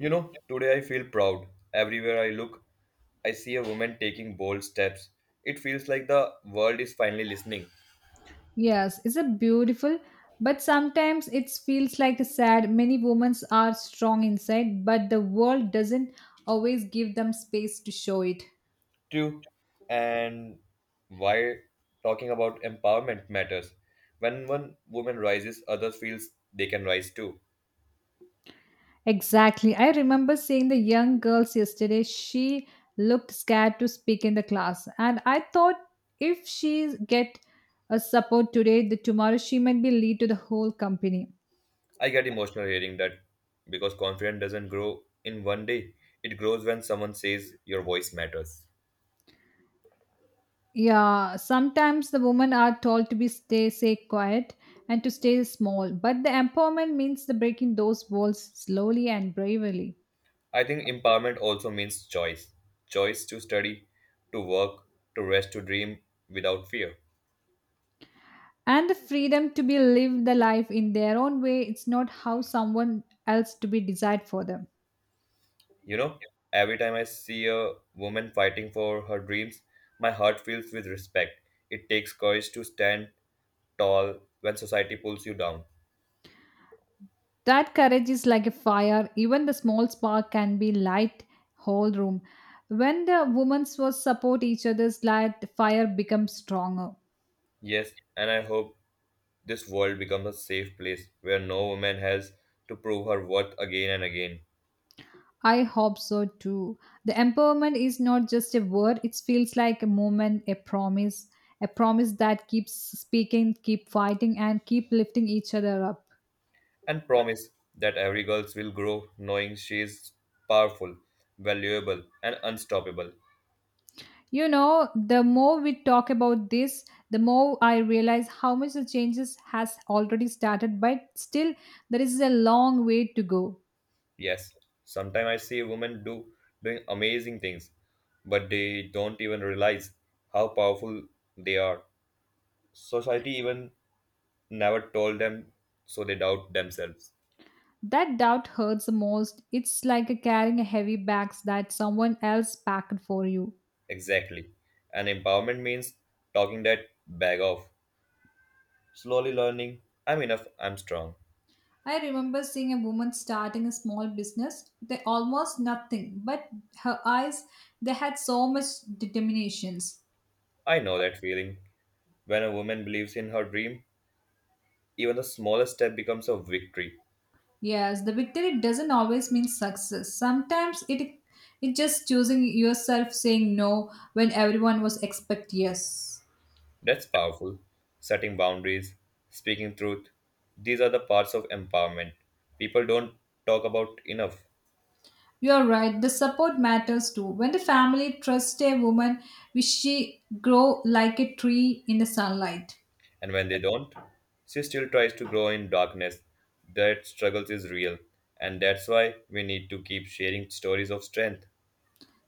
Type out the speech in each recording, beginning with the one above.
You know, today I feel proud. Everywhere I look, I see a woman taking bold steps. It feels like the world is finally listening. Yes, it's a beautiful, but sometimes it feels like a sad. Many women are strong inside, but the world doesn't always give them space to show it. True. And why talking about empowerment matters. When one woman rises, others feels they can rise too. Exactly. I remember seeing the young girls yesterday. She looked scared to speak in the class, and I thought if she get a support today, the tomorrow she might be lead to the whole company. I get emotional hearing that because confidence doesn't grow in one day. It grows when someone says your voice matters. Yeah, sometimes the women are told to be stay quiet and to stay small, but the empowerment means the breaking those walls slowly and bravely. I think empowerment also means choice to study, to work, to rest, to dream without fear. And the freedom to be live the life in their own way, it's not how someone else to be desired for them. You know, every time I see a woman fighting for her dreams, my heart fills with respect. It takes courage to stand tall when society pulls you down. That courage is like a fire, even the small spark can be light whole room. When the women was support each other's light, the fire becomes stronger. Yes, and I hope this world becomes a safe place where no woman has to prove her worth again and again. I hope so too. The empowerment is not just a word, it feels like a moment, a promise that keeps speaking, keep fighting, and keep lifting each other up. And promise that every girl will grow knowing she is powerful, valuable, and unstoppable. You know, the more we talk about this, the more I realize how much the changes has already started, but still there is a long way to go. Yes, sometimes I see women do doing amazing things, but they don't even realize how powerful they are. Society even never told them, so they doubt themselves. That doubt hurts the most. It's like carrying a heavy bags that someone else packed for you. Exactly. And empowerment means talking that bag off, slowly learning, I'm enough, I'm strong. I remember seeing a woman starting a small business. They almost nothing, but her eyes, they had so much determinations. I know that feeling. When a woman believes in her dream, even the smallest step becomes a victory. Yes, the victory doesn't always mean success. Sometimes it just choosing yourself saying no when everyone was expect yes. That's powerful. Setting boundaries, speaking truth, these are the parts of empowerment people don't talk about enough. You are right. The support matters too. When the family trusts a woman, will she grow like a tree in the sunlight? And when they don't, she still tries to grow in darkness. That struggle is real, and that's why we need to keep sharing stories of strength.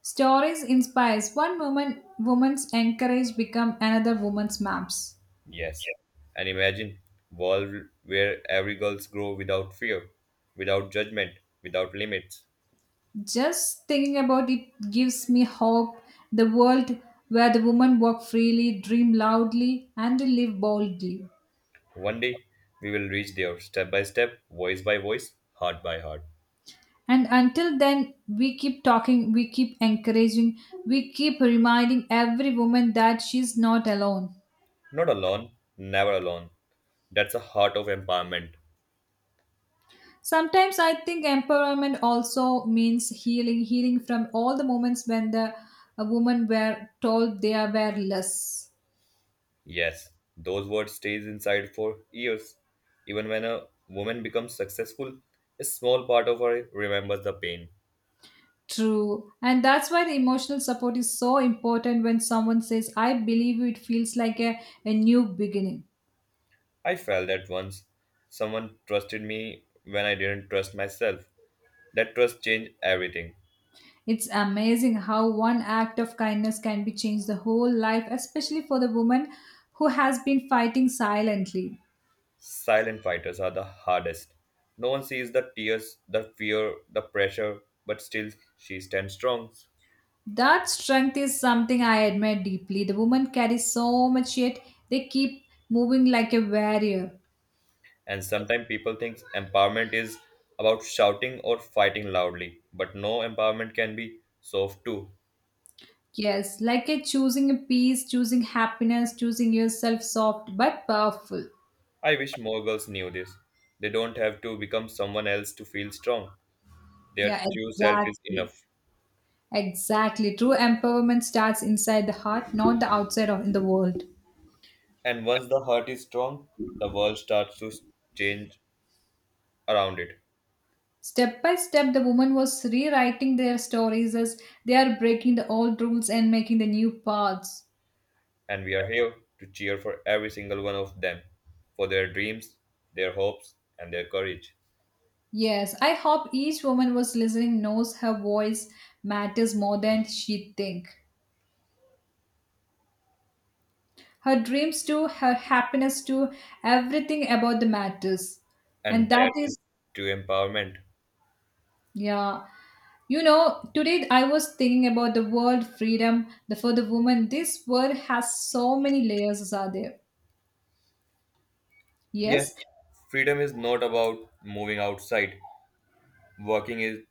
Stories inspires one woman's encourage become another woman's maps. Yes. And imagine world where every girls grow without fear, without judgment, without limits. Just thinking about it gives me hope. The world where the women walk freely, dream loudly, and live boldly. One day we will reach there step by step, voice by voice, heart by heart. And until then, we keep talking, we keep encouraging, we keep reminding every woman that she's not alone. Not alone, never alone. That's a heart of empowerment. Sometimes I think empowerment also means healing from all the moments when the women were told they are were less. Yes, those words stays inside for years. Even when a woman becomes successful, a small part of her remembers the pain. True, and that's why the emotional support is so important when someone says I believe you," it feels like a new beginning. I felt that once. Someone trusted me when I didn't trust myself. That trust changed everything. It's amazing how one act of kindness can be changed the whole life especially for the woman who has been fighting silently. Silent fighters are the hardest. No one sees the tears, the fear, the pressure, but still she stands strong. That strength is something I admire deeply. The women carry so much yet they keep moving like a warrior. And sometimes people think empowerment is about shouting or fighting loudly, but no empowerment can be soft too. Yes, like a choosing a peace, choosing happiness, choosing yourself soft but powerful. I wish more girls knew this. They don't have to become someone else to feel strong. Their Yeah, true self is exactly. enough. Exactly. True empowerment starts inside the heart, not the outside of in the world. And once the heart is strong, the world starts to change around it. Step by step, the woman was rewriting their stories as they are breaking the old rules and making the new paths. And we are here to cheer for every single one of them, for their dreams, their hopes, and their courage. Yes, I hope each woman was listening knows her voice matters more than she think. Her dreams too, her happiness too, everything about the matters. And And that that is is true empowerment. yeah. You know, today I was thinking about the world freedom for the woman. This world has so many layers, are there? Yes, Yes, freedom is not about moving outside. Working is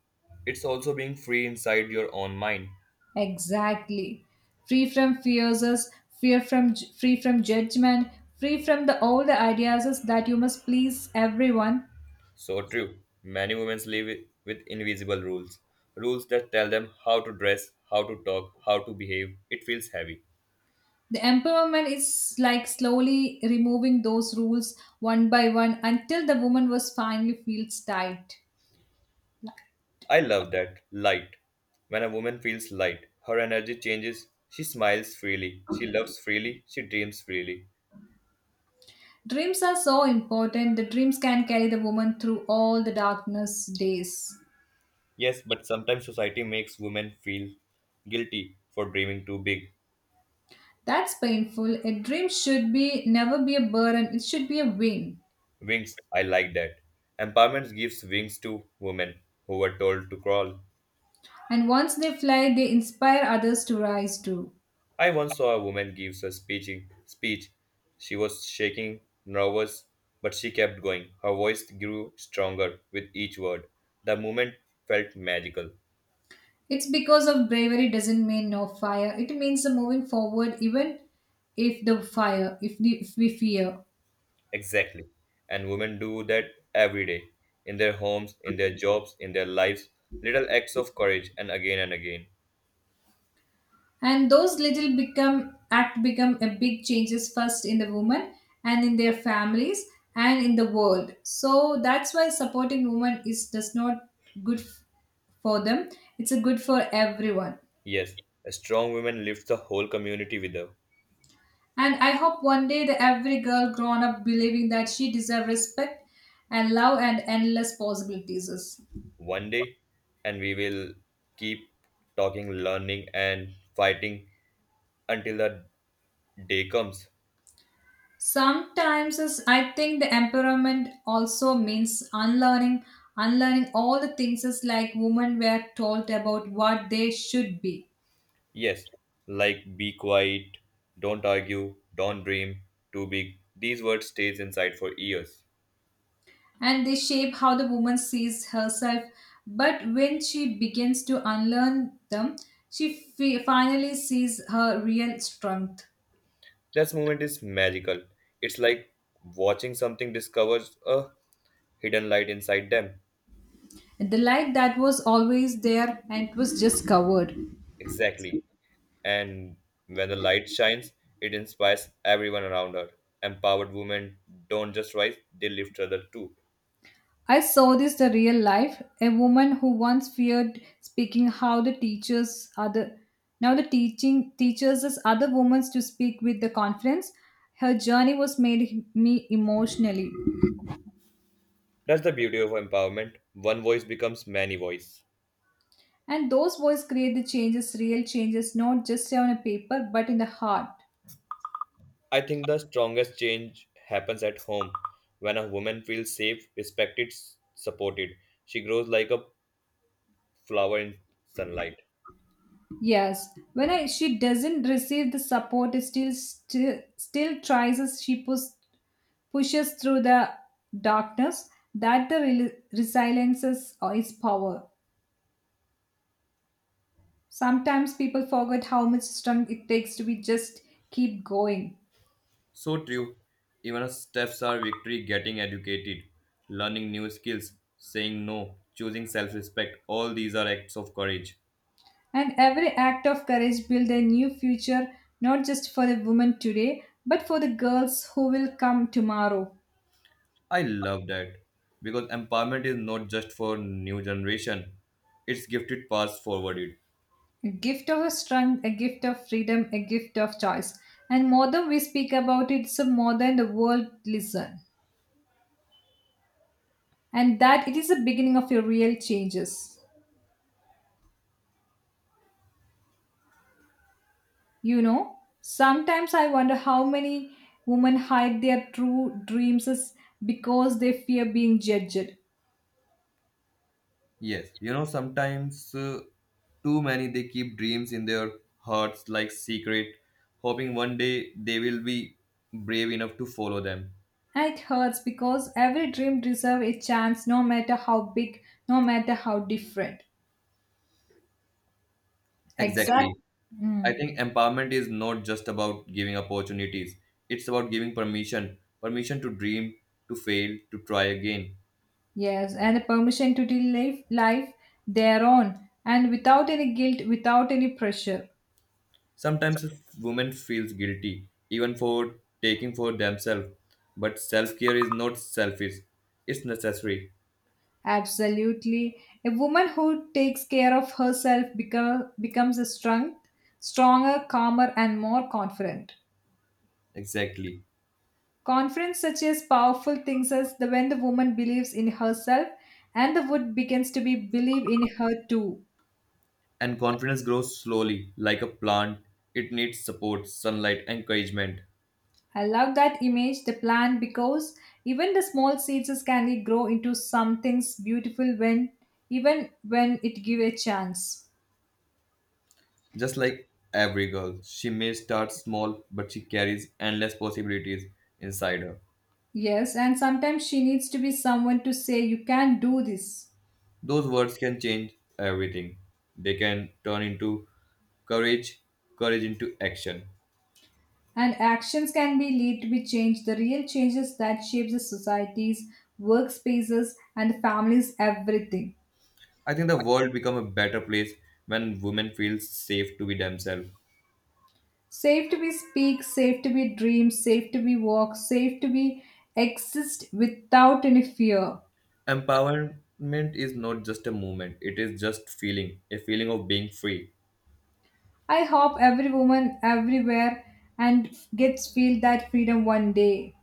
it's also being free inside your own mind. exactly. Free from fears, fear from free from judgment, free from the all the ideas us that you must please everyone. So true. Many women live with invisible rules. Rules that tell them how to dress, how to talk, how to behave. It feels heavy. The empowerment is like slowly removing those rules one by one until the woman was finally feels tight. I love that. Light. When a woman feels light, her energy changes. She smiles freely. She loves freely. She dreams freely. Dreams are so important. The dreams can carry the woman through all the darkness days. Yes, but sometimes society makes women feel guilty for dreaming too big. That's painful. A dream should be never be a burden. It should be a win. Wings, I like that. Empowerment gives wings to women who were told to crawl. And once they fly, they inspire others to rise too. I once saw a woman give a speech. She was shaking, nervous, but she kept going. Her voice grew stronger with each word. The moment felt magical. It's because of bravery doesn't mean no fire. It means the moving forward even if the fire, if, the, if we fear. Exactly. And women do that every day. In their homes, in their jobs, in their lives. Little acts of courage and again and again. And those little become act become a big changes first in the woman and in their families and in the world, so that's why supporting women is does not good f- for them, it's a good for everyone. Yes, a strong woman lifts the whole community with her. And I hope one day that every girl grown up believing that she deserves respect and love and endless possibilities. One day, and we will keep talking, learning, and fighting until the day comes. Sometimes is I think the empowerment also means unlearning all the things is like women were told about what they should be, Yes, like be quiet, don't argue, don't dream too big. These words stays inside for years. and they shape how the woman sees herself, but when she begins to unlearn them she finally sees her real strength. That moment is magical. It's like watching something discovers a hidden light inside them. The light that was always there and it was just covered. Exactly. And when the light shines, it inspires everyone around her. Empowered women don't just rise, they lift other too. I saw this the real life. A woman who once feared speaking how the teachers other now the teaching teaches us other women to speak with the confidence. Her journey was made me emotionally. That's the beauty of empowerment. One voice becomes many voices. And those voices create the changes, real changes, not just on a paper, but in the heart. I think the strongest change happens at home when a woman feels safe, respected, supported. She grows like a flower in sunlight. Yes, when I, she doesn't receive the support, it still tries as she pushes through the darkness, that the resiliences or its power. Sometimes people forget how much strength it takes to be just keep going. So true. Even our steps are victory getting educated, learning new skills, saying no, choosing self respect. All these are acts of courage. And every act of courage builds a new future, not just for the women today, but for the girls who will come tomorrow. I love that because empowerment is not just for new generation, it's gifted pass forwarded. A gift of a strength, a gift of freedom, a gift of choice. And more than we speak about it, so more than the world listen. And that it is the beginning of your real changes. You know, sometimes I wonder how many women hide their true dreams is because they fear being judged. Yes, you know, sometimes too many they keep dreams in their hearts like secret, hoping one day they will be brave enough to follow them. And it hurts because every dream deserves a chance, no matter how big, no matter how different. Exactly. Exactly. I Mm, think empowerment is not just about giving opportunities, it's about giving permission to dream, to fail, to try again. yes, and the permission to live life their own and without any guilt, without any pressure. Sometimes a woman feels guilty, even for taking for themselves. But self care is not selfish, it's necessary. Absolutely. A woman who takes care of herself becomes a strength, stronger, calmer, and more confident. Exactly. Confidence such as powerful things as the when the woman believes in herself and the wood begins to be believe in her too. And confidence grows slowly, like a plant. It needs support, sunlight, encouragement. I love that image, the plant, because even the small seeds can grow into something beautiful when even when it give a chance. Just like every girl, she may start small, but she carries endless possibilities inside her. Yes, and sometimes she needs to be someone to say you can do this. Those words can change everything. They can turn into courage, courage into action. And actions can be lead to be changed, the real changes that shapes the societies, workspaces, and families, everything. I think the world become a better place when women feel safe to be themselves. Safe to be speak, safe to be dream, safe to be walk, safe to be exist without any fear. Empowerment is not just a movement, it is just feeling, a feeling of being free. I hope every woman everywhere and gets feel that freedom one day.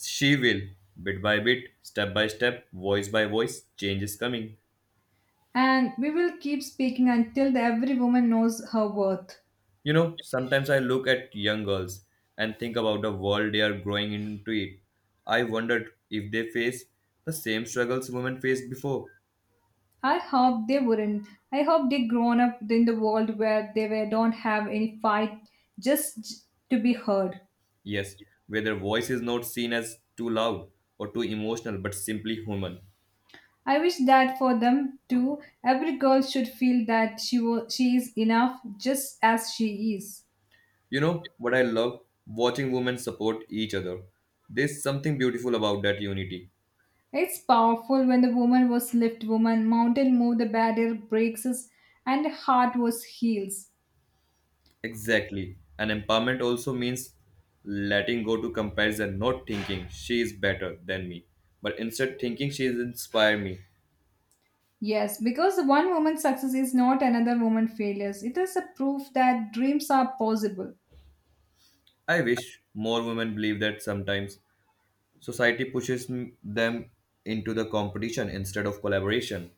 She will, bit by bit, step by step, voice by voice, change is coming. And we will keep speaking until every woman knows her worth. You know, sometimes I look at young girls and think about the world they are growing into it. I wondered if they face the same struggles women faced before. I hope they wouldn't. I hope they grown up in the world where they were, don't have any fight just to be heard. Yes, where their voice is not seen as too loud or too emotional, but simply human. I wish that for them too. Every girl should feel that she was, she is enough just as she is. You know what I love? Watching women support each other. There's something beautiful about that unity. It's powerful when the woman was lift woman, mountain moved, the barrier breaks us, and the heart was heals. Exactly. And empowerment also means letting go to comparison, not thinking she is better than me, but instead thinking she is inspired me. Yes, because one woman's success is not another woman's failures. It is a proof that dreams are possible. I wish more women believe that sometimes society pushes them into the competition instead of collaboration.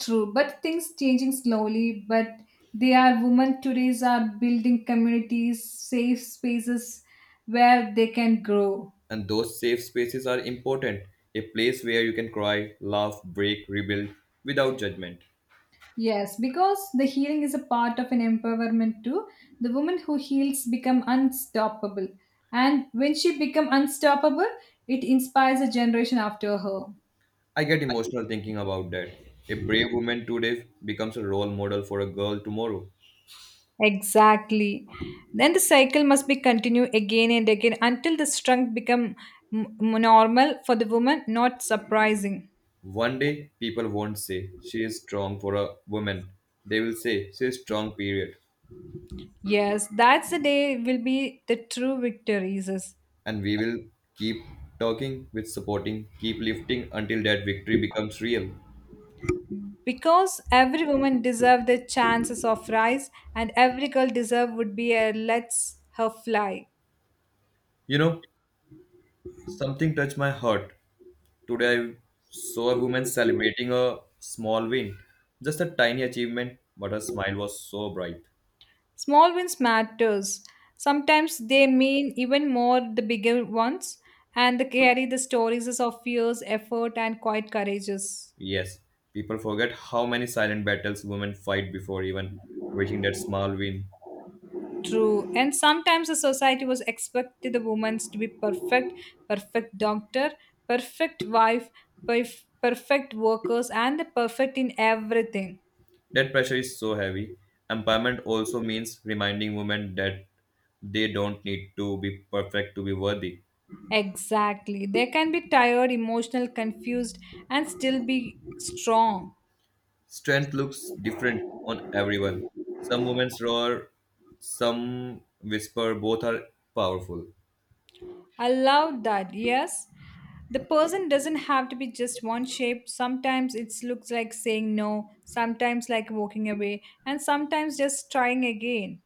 True, but things changing slowly. But they are women today's are building communities, safe spaces where they can grow. And those safe spaces are important, a place where you can cry, laugh, break, rebuild without judgment. Yes, because the healing is a part of an empowerment too. The woman who heals become unstoppable, and when she become unstoppable, it inspires a generation after her. I get emotional thinking about that. A brave woman today becomes a role model for a girl tomorrow. Exactly. Then the cycle must be continued again and again until the strength become m- normal for the woman, not surprising. One day, people won't say, she is strong for a woman. They will say, she is strong, period. Yes, that's the day will be the true victories. Is- And we will keep talking with supporting, keep lifting until that victory becomes real. Because every woman deserves the chances of rise and every girl deserve would be a lets her fly. You know, something touched my heart. Today, I saw a woman celebrating a small win. Just a tiny achievement, but her smile was so bright. Small wins matters. Sometimes they mean even more the bigger ones, and they carry the stories of years, effort and quiet courages. Yes, people forget how many silent battles women fight before even reaching that small win. True. And sometimes the society was expected the women to be perfect, perfect doctor, perfect wife, perfect workers, and the perfect in everything. That pressure is so heavy. Empowerment also means reminding women that they don't need to be perfect to be worthy. Exactly. They can be tired, emotional, confused, and still be strong. Strength looks different on everyone. Some women roar, some whisper, both are powerful. I love that. Yes. The person doesn't have to be just one shape. Sometimes it looks like saying no, sometimes like walking away, and sometimes just trying again.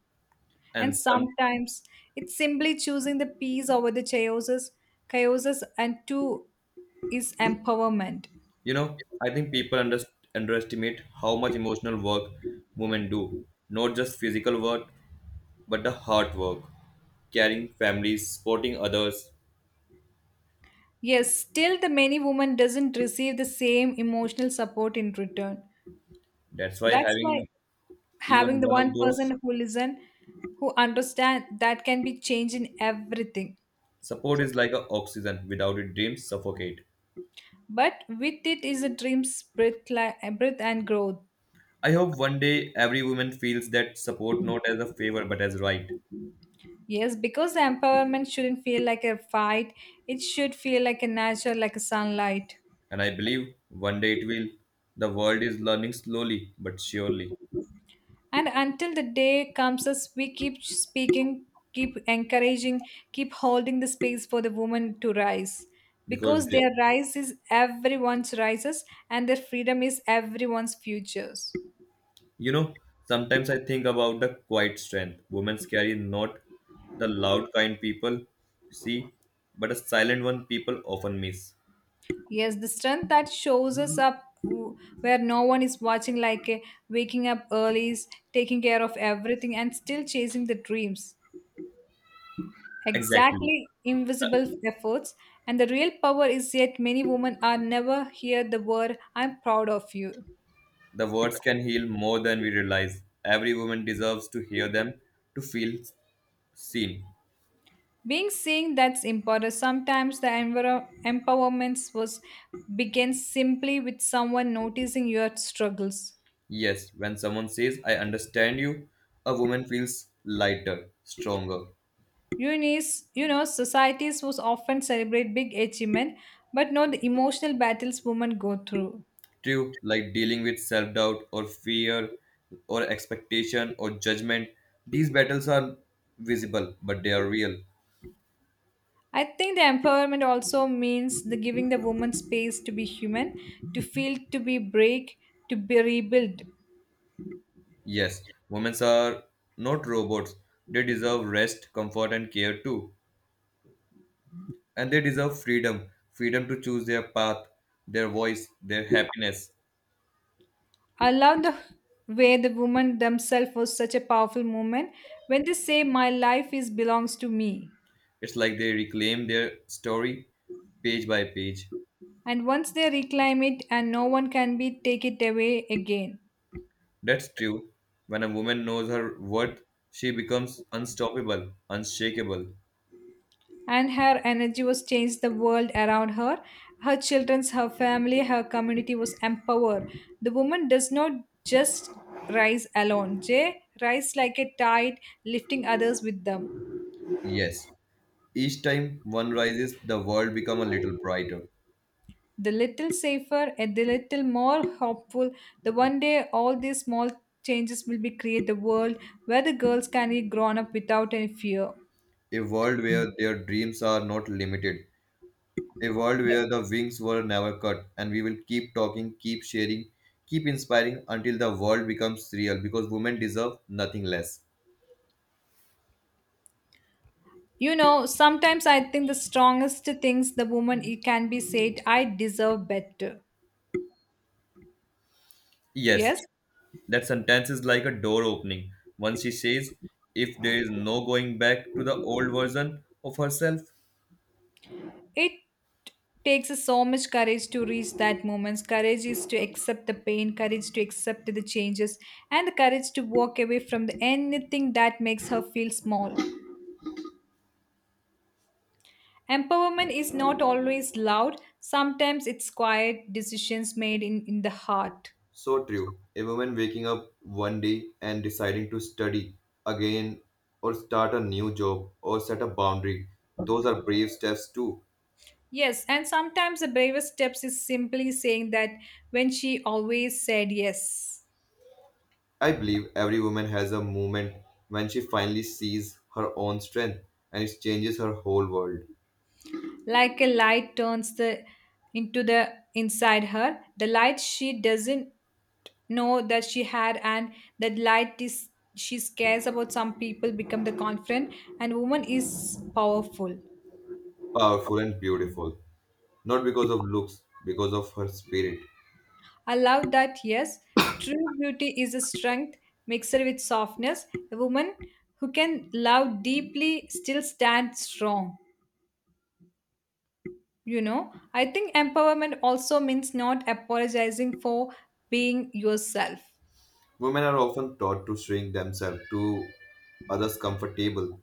And And some, sometimes it's simply choosing the peace over the chaoses, and two is empowerment. you know, I think people underestimate how much emotional work women do. Not just physical work, but the heart work, caring families, supporting others. Yes, still the many women doesn't receive the same emotional support in return. That's why That's why having having even the one of one those. person who listen, who understand, that can be changed in everything. Support is like a oxygen. Without it, dreams suffocate. But with it is a dream's breath, breath and growth. I hope one day every woman feels that support not as a favor but as right. Yes, because the empowerment shouldn't feel like a fight. It should feel like a natural, like a sunlight. And I believe one day it will. The world is learning slowly but surely. And until the day comes us, we keep speaking, keep encouraging, keep holding the space for the woman to rise. Because, Because they- their rise is everyone's rises and their freedom is everyone's futures. you know, sometimes I think about the quiet strength women carry, not the loud kind people see, but a silent one people often miss. Yes, the strength that shows us up where no one is watching, like a waking up early, taking care of everything, and still chasing the dreams. Exactly. Exactly, invisible efforts. And the real power is yet many women are never hear the word I'm proud of you. The words can heal more than we realize. Every woman deserves to hear them, to feel seen. Being seen that's important. Sometimes the empowerment was begins simply with someone noticing your struggles. Yes, when someone says, I understand you, a woman feels lighter, stronger. Unis, societies was often celebrate big achievement, but not the emotional battles women go through. True, like dealing with self doubt or fear or expectation or judgment, these battles are visible, but they are real. I think the empowerment also means the giving the woman space to be human, to feel, to be break, to be rebuild. Yes, women are not robots. They deserve rest, comfort, and care too. And they deserve freedom to choose their path, their voice, their happiness. I love the way the woman themselves was such a powerful moment when they say my life is belongs to me. It's like they reclaim their story page by page. And once they reclaim it and no one can be take it away again. That's true. When a woman knows her worth, she becomes unstoppable, unshakable. And her energy was changed the world around her, her children, her family, her community was empowered. The woman does not just rise alone, jay rise like a tide, lifting others with them. Yes. Each time one rises, the world becomes a little brighter. The little safer and the little more hopeful, the one day all these small changes will be create the world where the girls can be grown up without any fear. A world where their dreams are not limited. A world The- where the wings were never cut. And we will keep talking, keep sharing, keep inspiring until the world becomes real because women deserve nothing less. Sometimes I think the strongest things the woman it can be said, I deserve better. Yes, Yes. that sentence is like a door opening. Once she says, if there is no going back to the old version of herself. It takes us so much courage to reach that moment. Courage is to accept the pain, courage to accept the changes, and the courage to walk away from anything that makes her feel small. Empowerment is not always loud, sometimes it's quiet decisions made in the heart. So true. A woman waking up one day and deciding to study again or start a new job or set a boundary, those are brave steps too. Yes, and sometimes the bravest steps is simply saying that when she always said yes. I believe every woman has a moment when she finally sees her own strength and it changes her whole world. Like a light turns the into the inside her, the light she doesn't know that she had, and that light is she cares about some people, become the confident and woman is powerful. Powerful and beautiful. Not because of looks, because of her spirit. I love that. Yes, true beauty is a strength mixed with softness. A woman who can love deeply still stands strong. I think empowerment also means not apologizing for being yourself. Women are often taught to shrink themselves to others comfortable,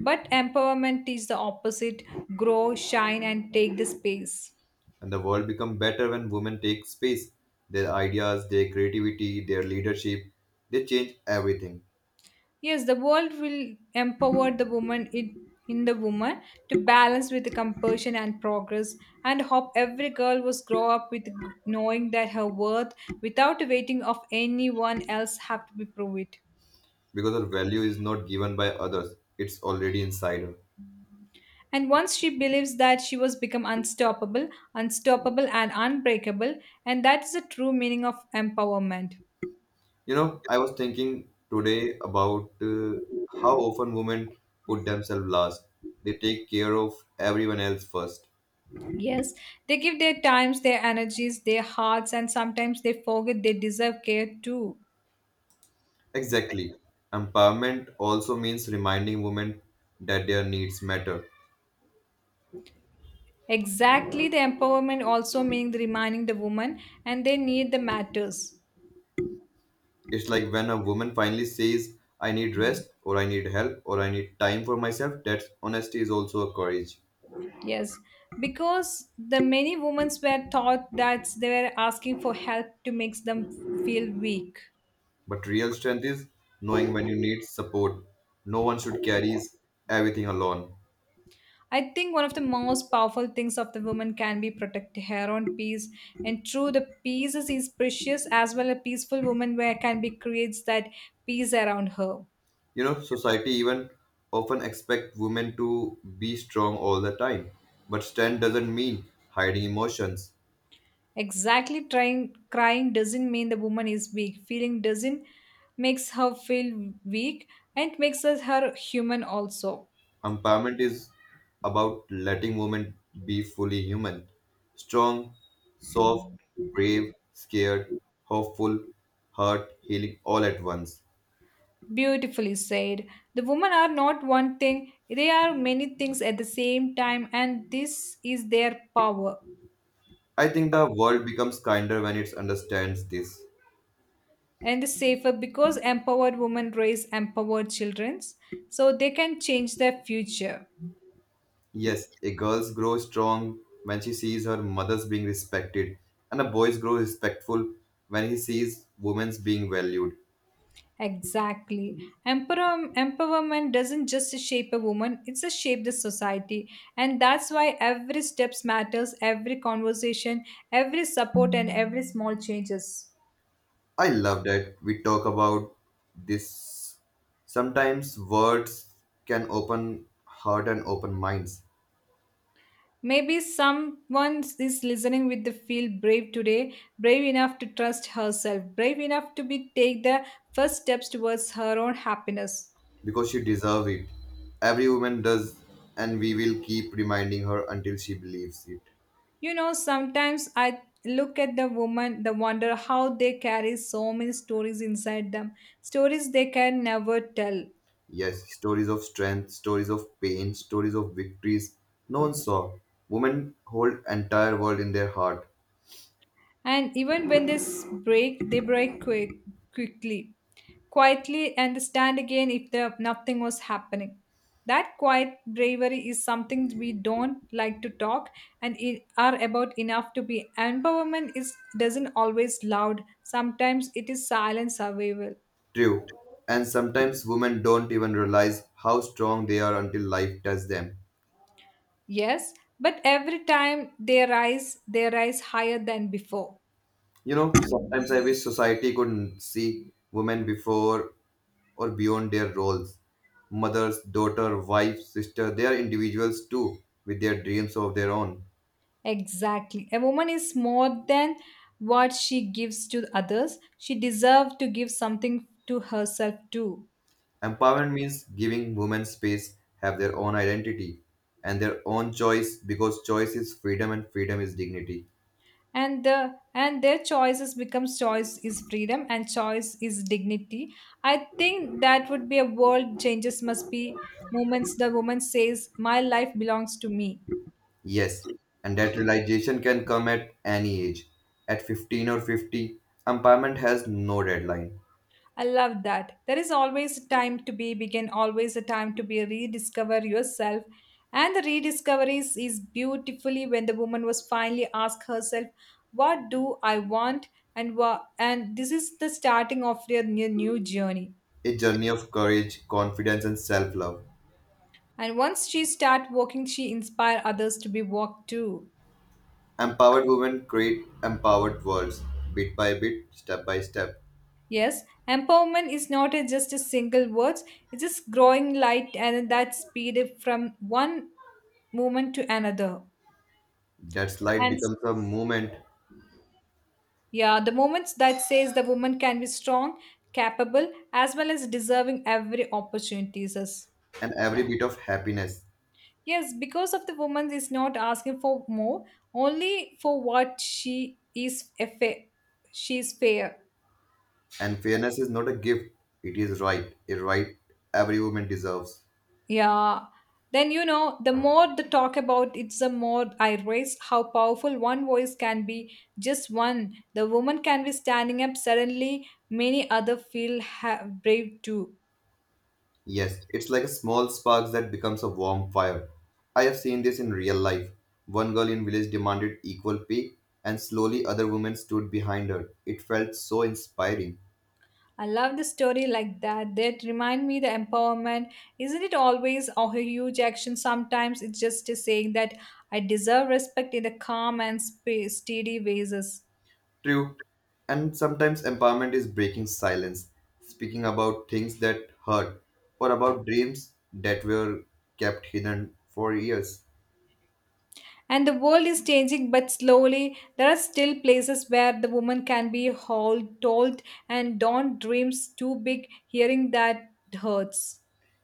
But empowerment is the opposite, grow, shine, and take the space. and the world become better when women take space, their ideas, their creativity, their leadership. They change everything Yes, the world will empower the woman in the woman to balance with the compassion and progress and hope every girl was grow up with knowing that her worth without waiting of anyone else have to be prove it. because our value is not given by others, it's already inside her. And once she believes that, she was become unstoppable, unstoppable and unbreakable, and that is the true meaning of empowerment. You know, I was thinking today about how often women put themselves last. They take care of everyone else first. Yes, they give their times, their energies, their hearts, and sometimes they forget they deserve care too. Exactly, empowerment also means reminding women that their needs matter. Exactly, the empowerment also means reminding the woman and they need the matters. It's like when a woman finally says, I need rest, or I need help, or I need time for myself. That honesty is also a courage. Yes, because the many women were taught that they were asking for help to make them feel weak. But real strength is knowing when you need support. No one should carry everything alone. I think one of the most powerful things of the woman can be protect her own peace, and true, the peace is precious as well. A peaceful woman where can be creates that peace around her. You know, society even often expect women to be strong all the time. But strength doesn't mean hiding emotions. Exactly, trying, crying doesn't mean the woman is weak. Feeling doesn't makes her feel weak and makes us her human also. Empowerment is about letting women be fully human, strong, soft, brave, scared, hopeful, hurt, healing all at once. Beautifully said. The women are not one thing; they are many things at the same time, and this is their power. I think the world becomes kinder when it understands this. And the safer because empowered women raise empowered children, so they can change their future. Yes, a girl grows strong when she sees her mother's being respected, and a boy grows respectful when he sees women's being valued. Exactly. Empowerment doesn't just shape a woman, it's a shape the society. And that's why every steps matters, every conversation, every support, and every small changes. I love that we talk about this. Sometimes words can open heart and open minds Maybe someone is listening with the feel brave today, brave enough to trust herself, brave enough to be take the first steps towards her own happiness. because she deserves it. Every woman does, and we will keep reminding her until she believes it. Sometimes I look at the woman, the wonder how they carry so many stories inside them, stories they can never tell. Yes, stories of strength, stories of pain, stories of victories no one saw. Women hold entire world in their heart. And even when they break, they break quick, quickly, quietly, and stand again if the, nothing was happening. That quiet bravery is something we don't like to talk and are about enough to be. Empowerment is doesn't always loud. Sometimes it is silent survival. True. And sometimes women don't even realize how strong they are until life tests them. Yes, but every time they rise higher than before. You know, sometimes I wish society could see women before or beyond their roles. Mothers, daughter, wife, sister, they are individuals too, with their dreams of their own. Exactly. A woman is more than what she gives to others. She deserves to give something to herself too. Empowerment means giving women space, have their own identity and their own choice because choice is freedom and freedom is dignity. And their choices becomes, choice is freedom and choice is dignity. I think that would be a world changes must be moments the woman says my life belongs to me. Yes, and that realization can come at any age. At 15 or 50, empowerment has no deadline. I love that. There is always a time to be begin, always a time to be rediscover yourself. And the rediscovery is beautifully when the woman was finally asked herself, what do I want? And this is the starting of their new journey. A journey of courage, confidence, and self love. And once she start walking, she inspire others to be walked too. Empowered women create empowered worlds, bit by bit, step by step. Yes, empowerment is not a, just a single words. It's just growing light and that speed from one moment to another. That slide And becomes a movement, yeah, the moments that says the woman can be strong, capable, as well as deserving every opportunities. Sis. and every bit of happiness. Yes, because of the woman is not asking for more, only for what she is a she is fair. And fairness is not a gift, it is right, a right every woman deserves. Yeah. Then the more the talk about it's the more I raise how powerful one voice can be. Just one, the woman can be standing up suddenly. Many other feel brave too. Yes, it's like a small spark that becomes a warm fire. I have seen this in real life. One girl in village demanded equal pay, and slowly other women stood behind her. It felt so inspiring. I love the story like that. That remind me the empowerment. Isn't it always a huge action? Sometimes it's just a saying that I deserve respect in the calm and steady ways. True. And sometimes empowerment is breaking silence, speaking about things that hurt or about dreams that were kept hidden for years. And the world is changing, but slowly there are still places where the woman can be hold, told and don't dreams too big. Hearing that hurts.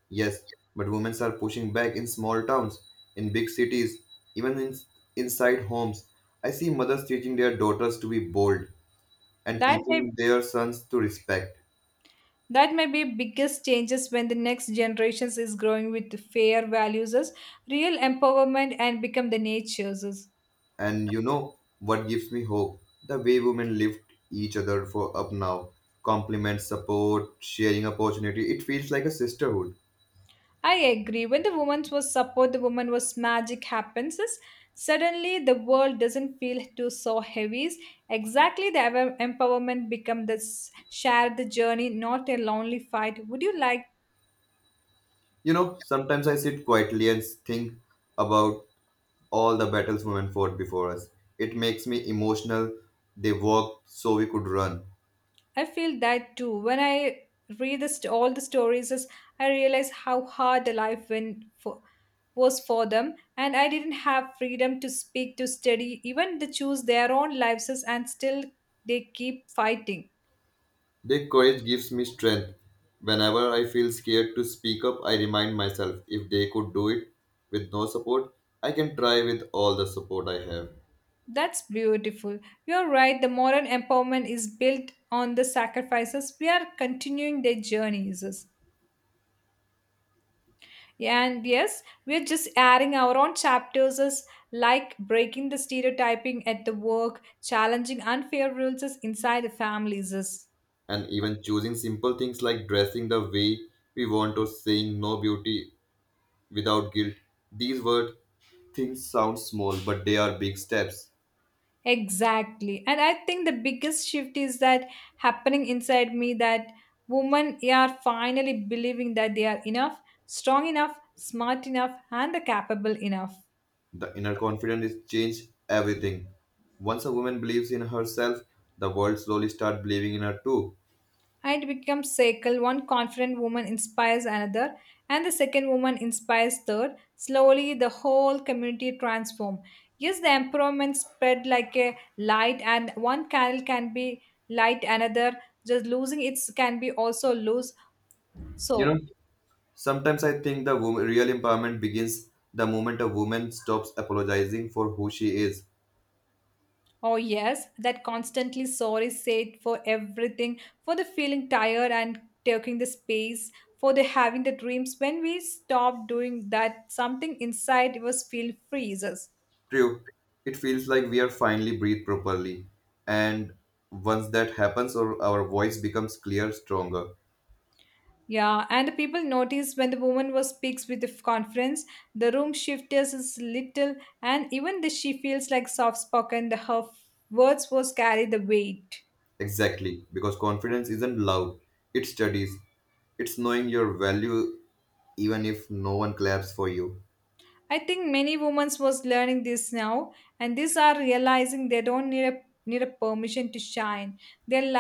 Yes, but women are pushing back in small towns, in big cities, even in, inside homes. I see mothers teaching their daughters to be bold and That may teaching their sons to respect. That may be biggest changes when the next generations is growing with fair values, as real empowerment and become the natures. As And you know what gives me hope? The way women lift each other for up now, compliments, support, sharing opportunity. It feels like a sisterhood. I agree. When the woman was support, the woman was magic happens. Is. Suddenly, the world doesn't feel too so heavy. Is. Exactly, empowerment become this shared the journey, not a lonely fight. Would you like. You know, sometimes I sit quietly and think about all the battles women fought before us. It makes me emotional. They walked so we could run. I feel that too. When I read the all the stories, is I realize how hard the life went for, was for them, and I didn't have freedom to speak, to study, even to choose their own lives, and still they keep fighting. Their courage gives me strength. Whenever I feel scared to speak up, I remind myself if they could do it with no support, I can try with all the support I have. That's beautiful. You're right. The modern empowerment is built on the sacrifices. We are continuing their journeys. Yeah, and yes, we're just adding our own chapters as like breaking the stereotyping at the work, challenging unfair rules as inside the families. And even choosing simple things like dressing the way we want or saying no beauty without guilt. These word things sound small, but they are big steps. Exactly. And I think the biggest shift is that happening inside me that women are finally believing that they are enough, strong enough, smart enough, and capable enough. The inner confidence is change everything. Once a woman believes in herself, the world slowly start believing in her too. And it becomes cycle, one confident woman inspires another, and the second woman inspires third, slowly the whole community transform. Yes, the empowerment spread like a light, and one candle can be light another, just losing it can be also lose, so. You know, sometimes I think the woman, real empowerment begins the moment a woman stops apologizing for who she is. Oh yes, that constantly sorry said for everything, for the feeling tired and taking the space, for the having the dreams. When we stop doing that, something inside was feel freezes. True. It feels like we are finally breathe properly. And once that happens, our voice becomes clear, stronger. Yeah, and the people noticed when the woman was speaks with the confidence, the room shifts is little, and even the she feels like soft spoken, the her words was carry the weight. Exactly. Because confidence isn't loud, it studies. It's knowing your value even if no one claps for you. I think many women was learning this now, and these are realizing they don't need a permission to shine. They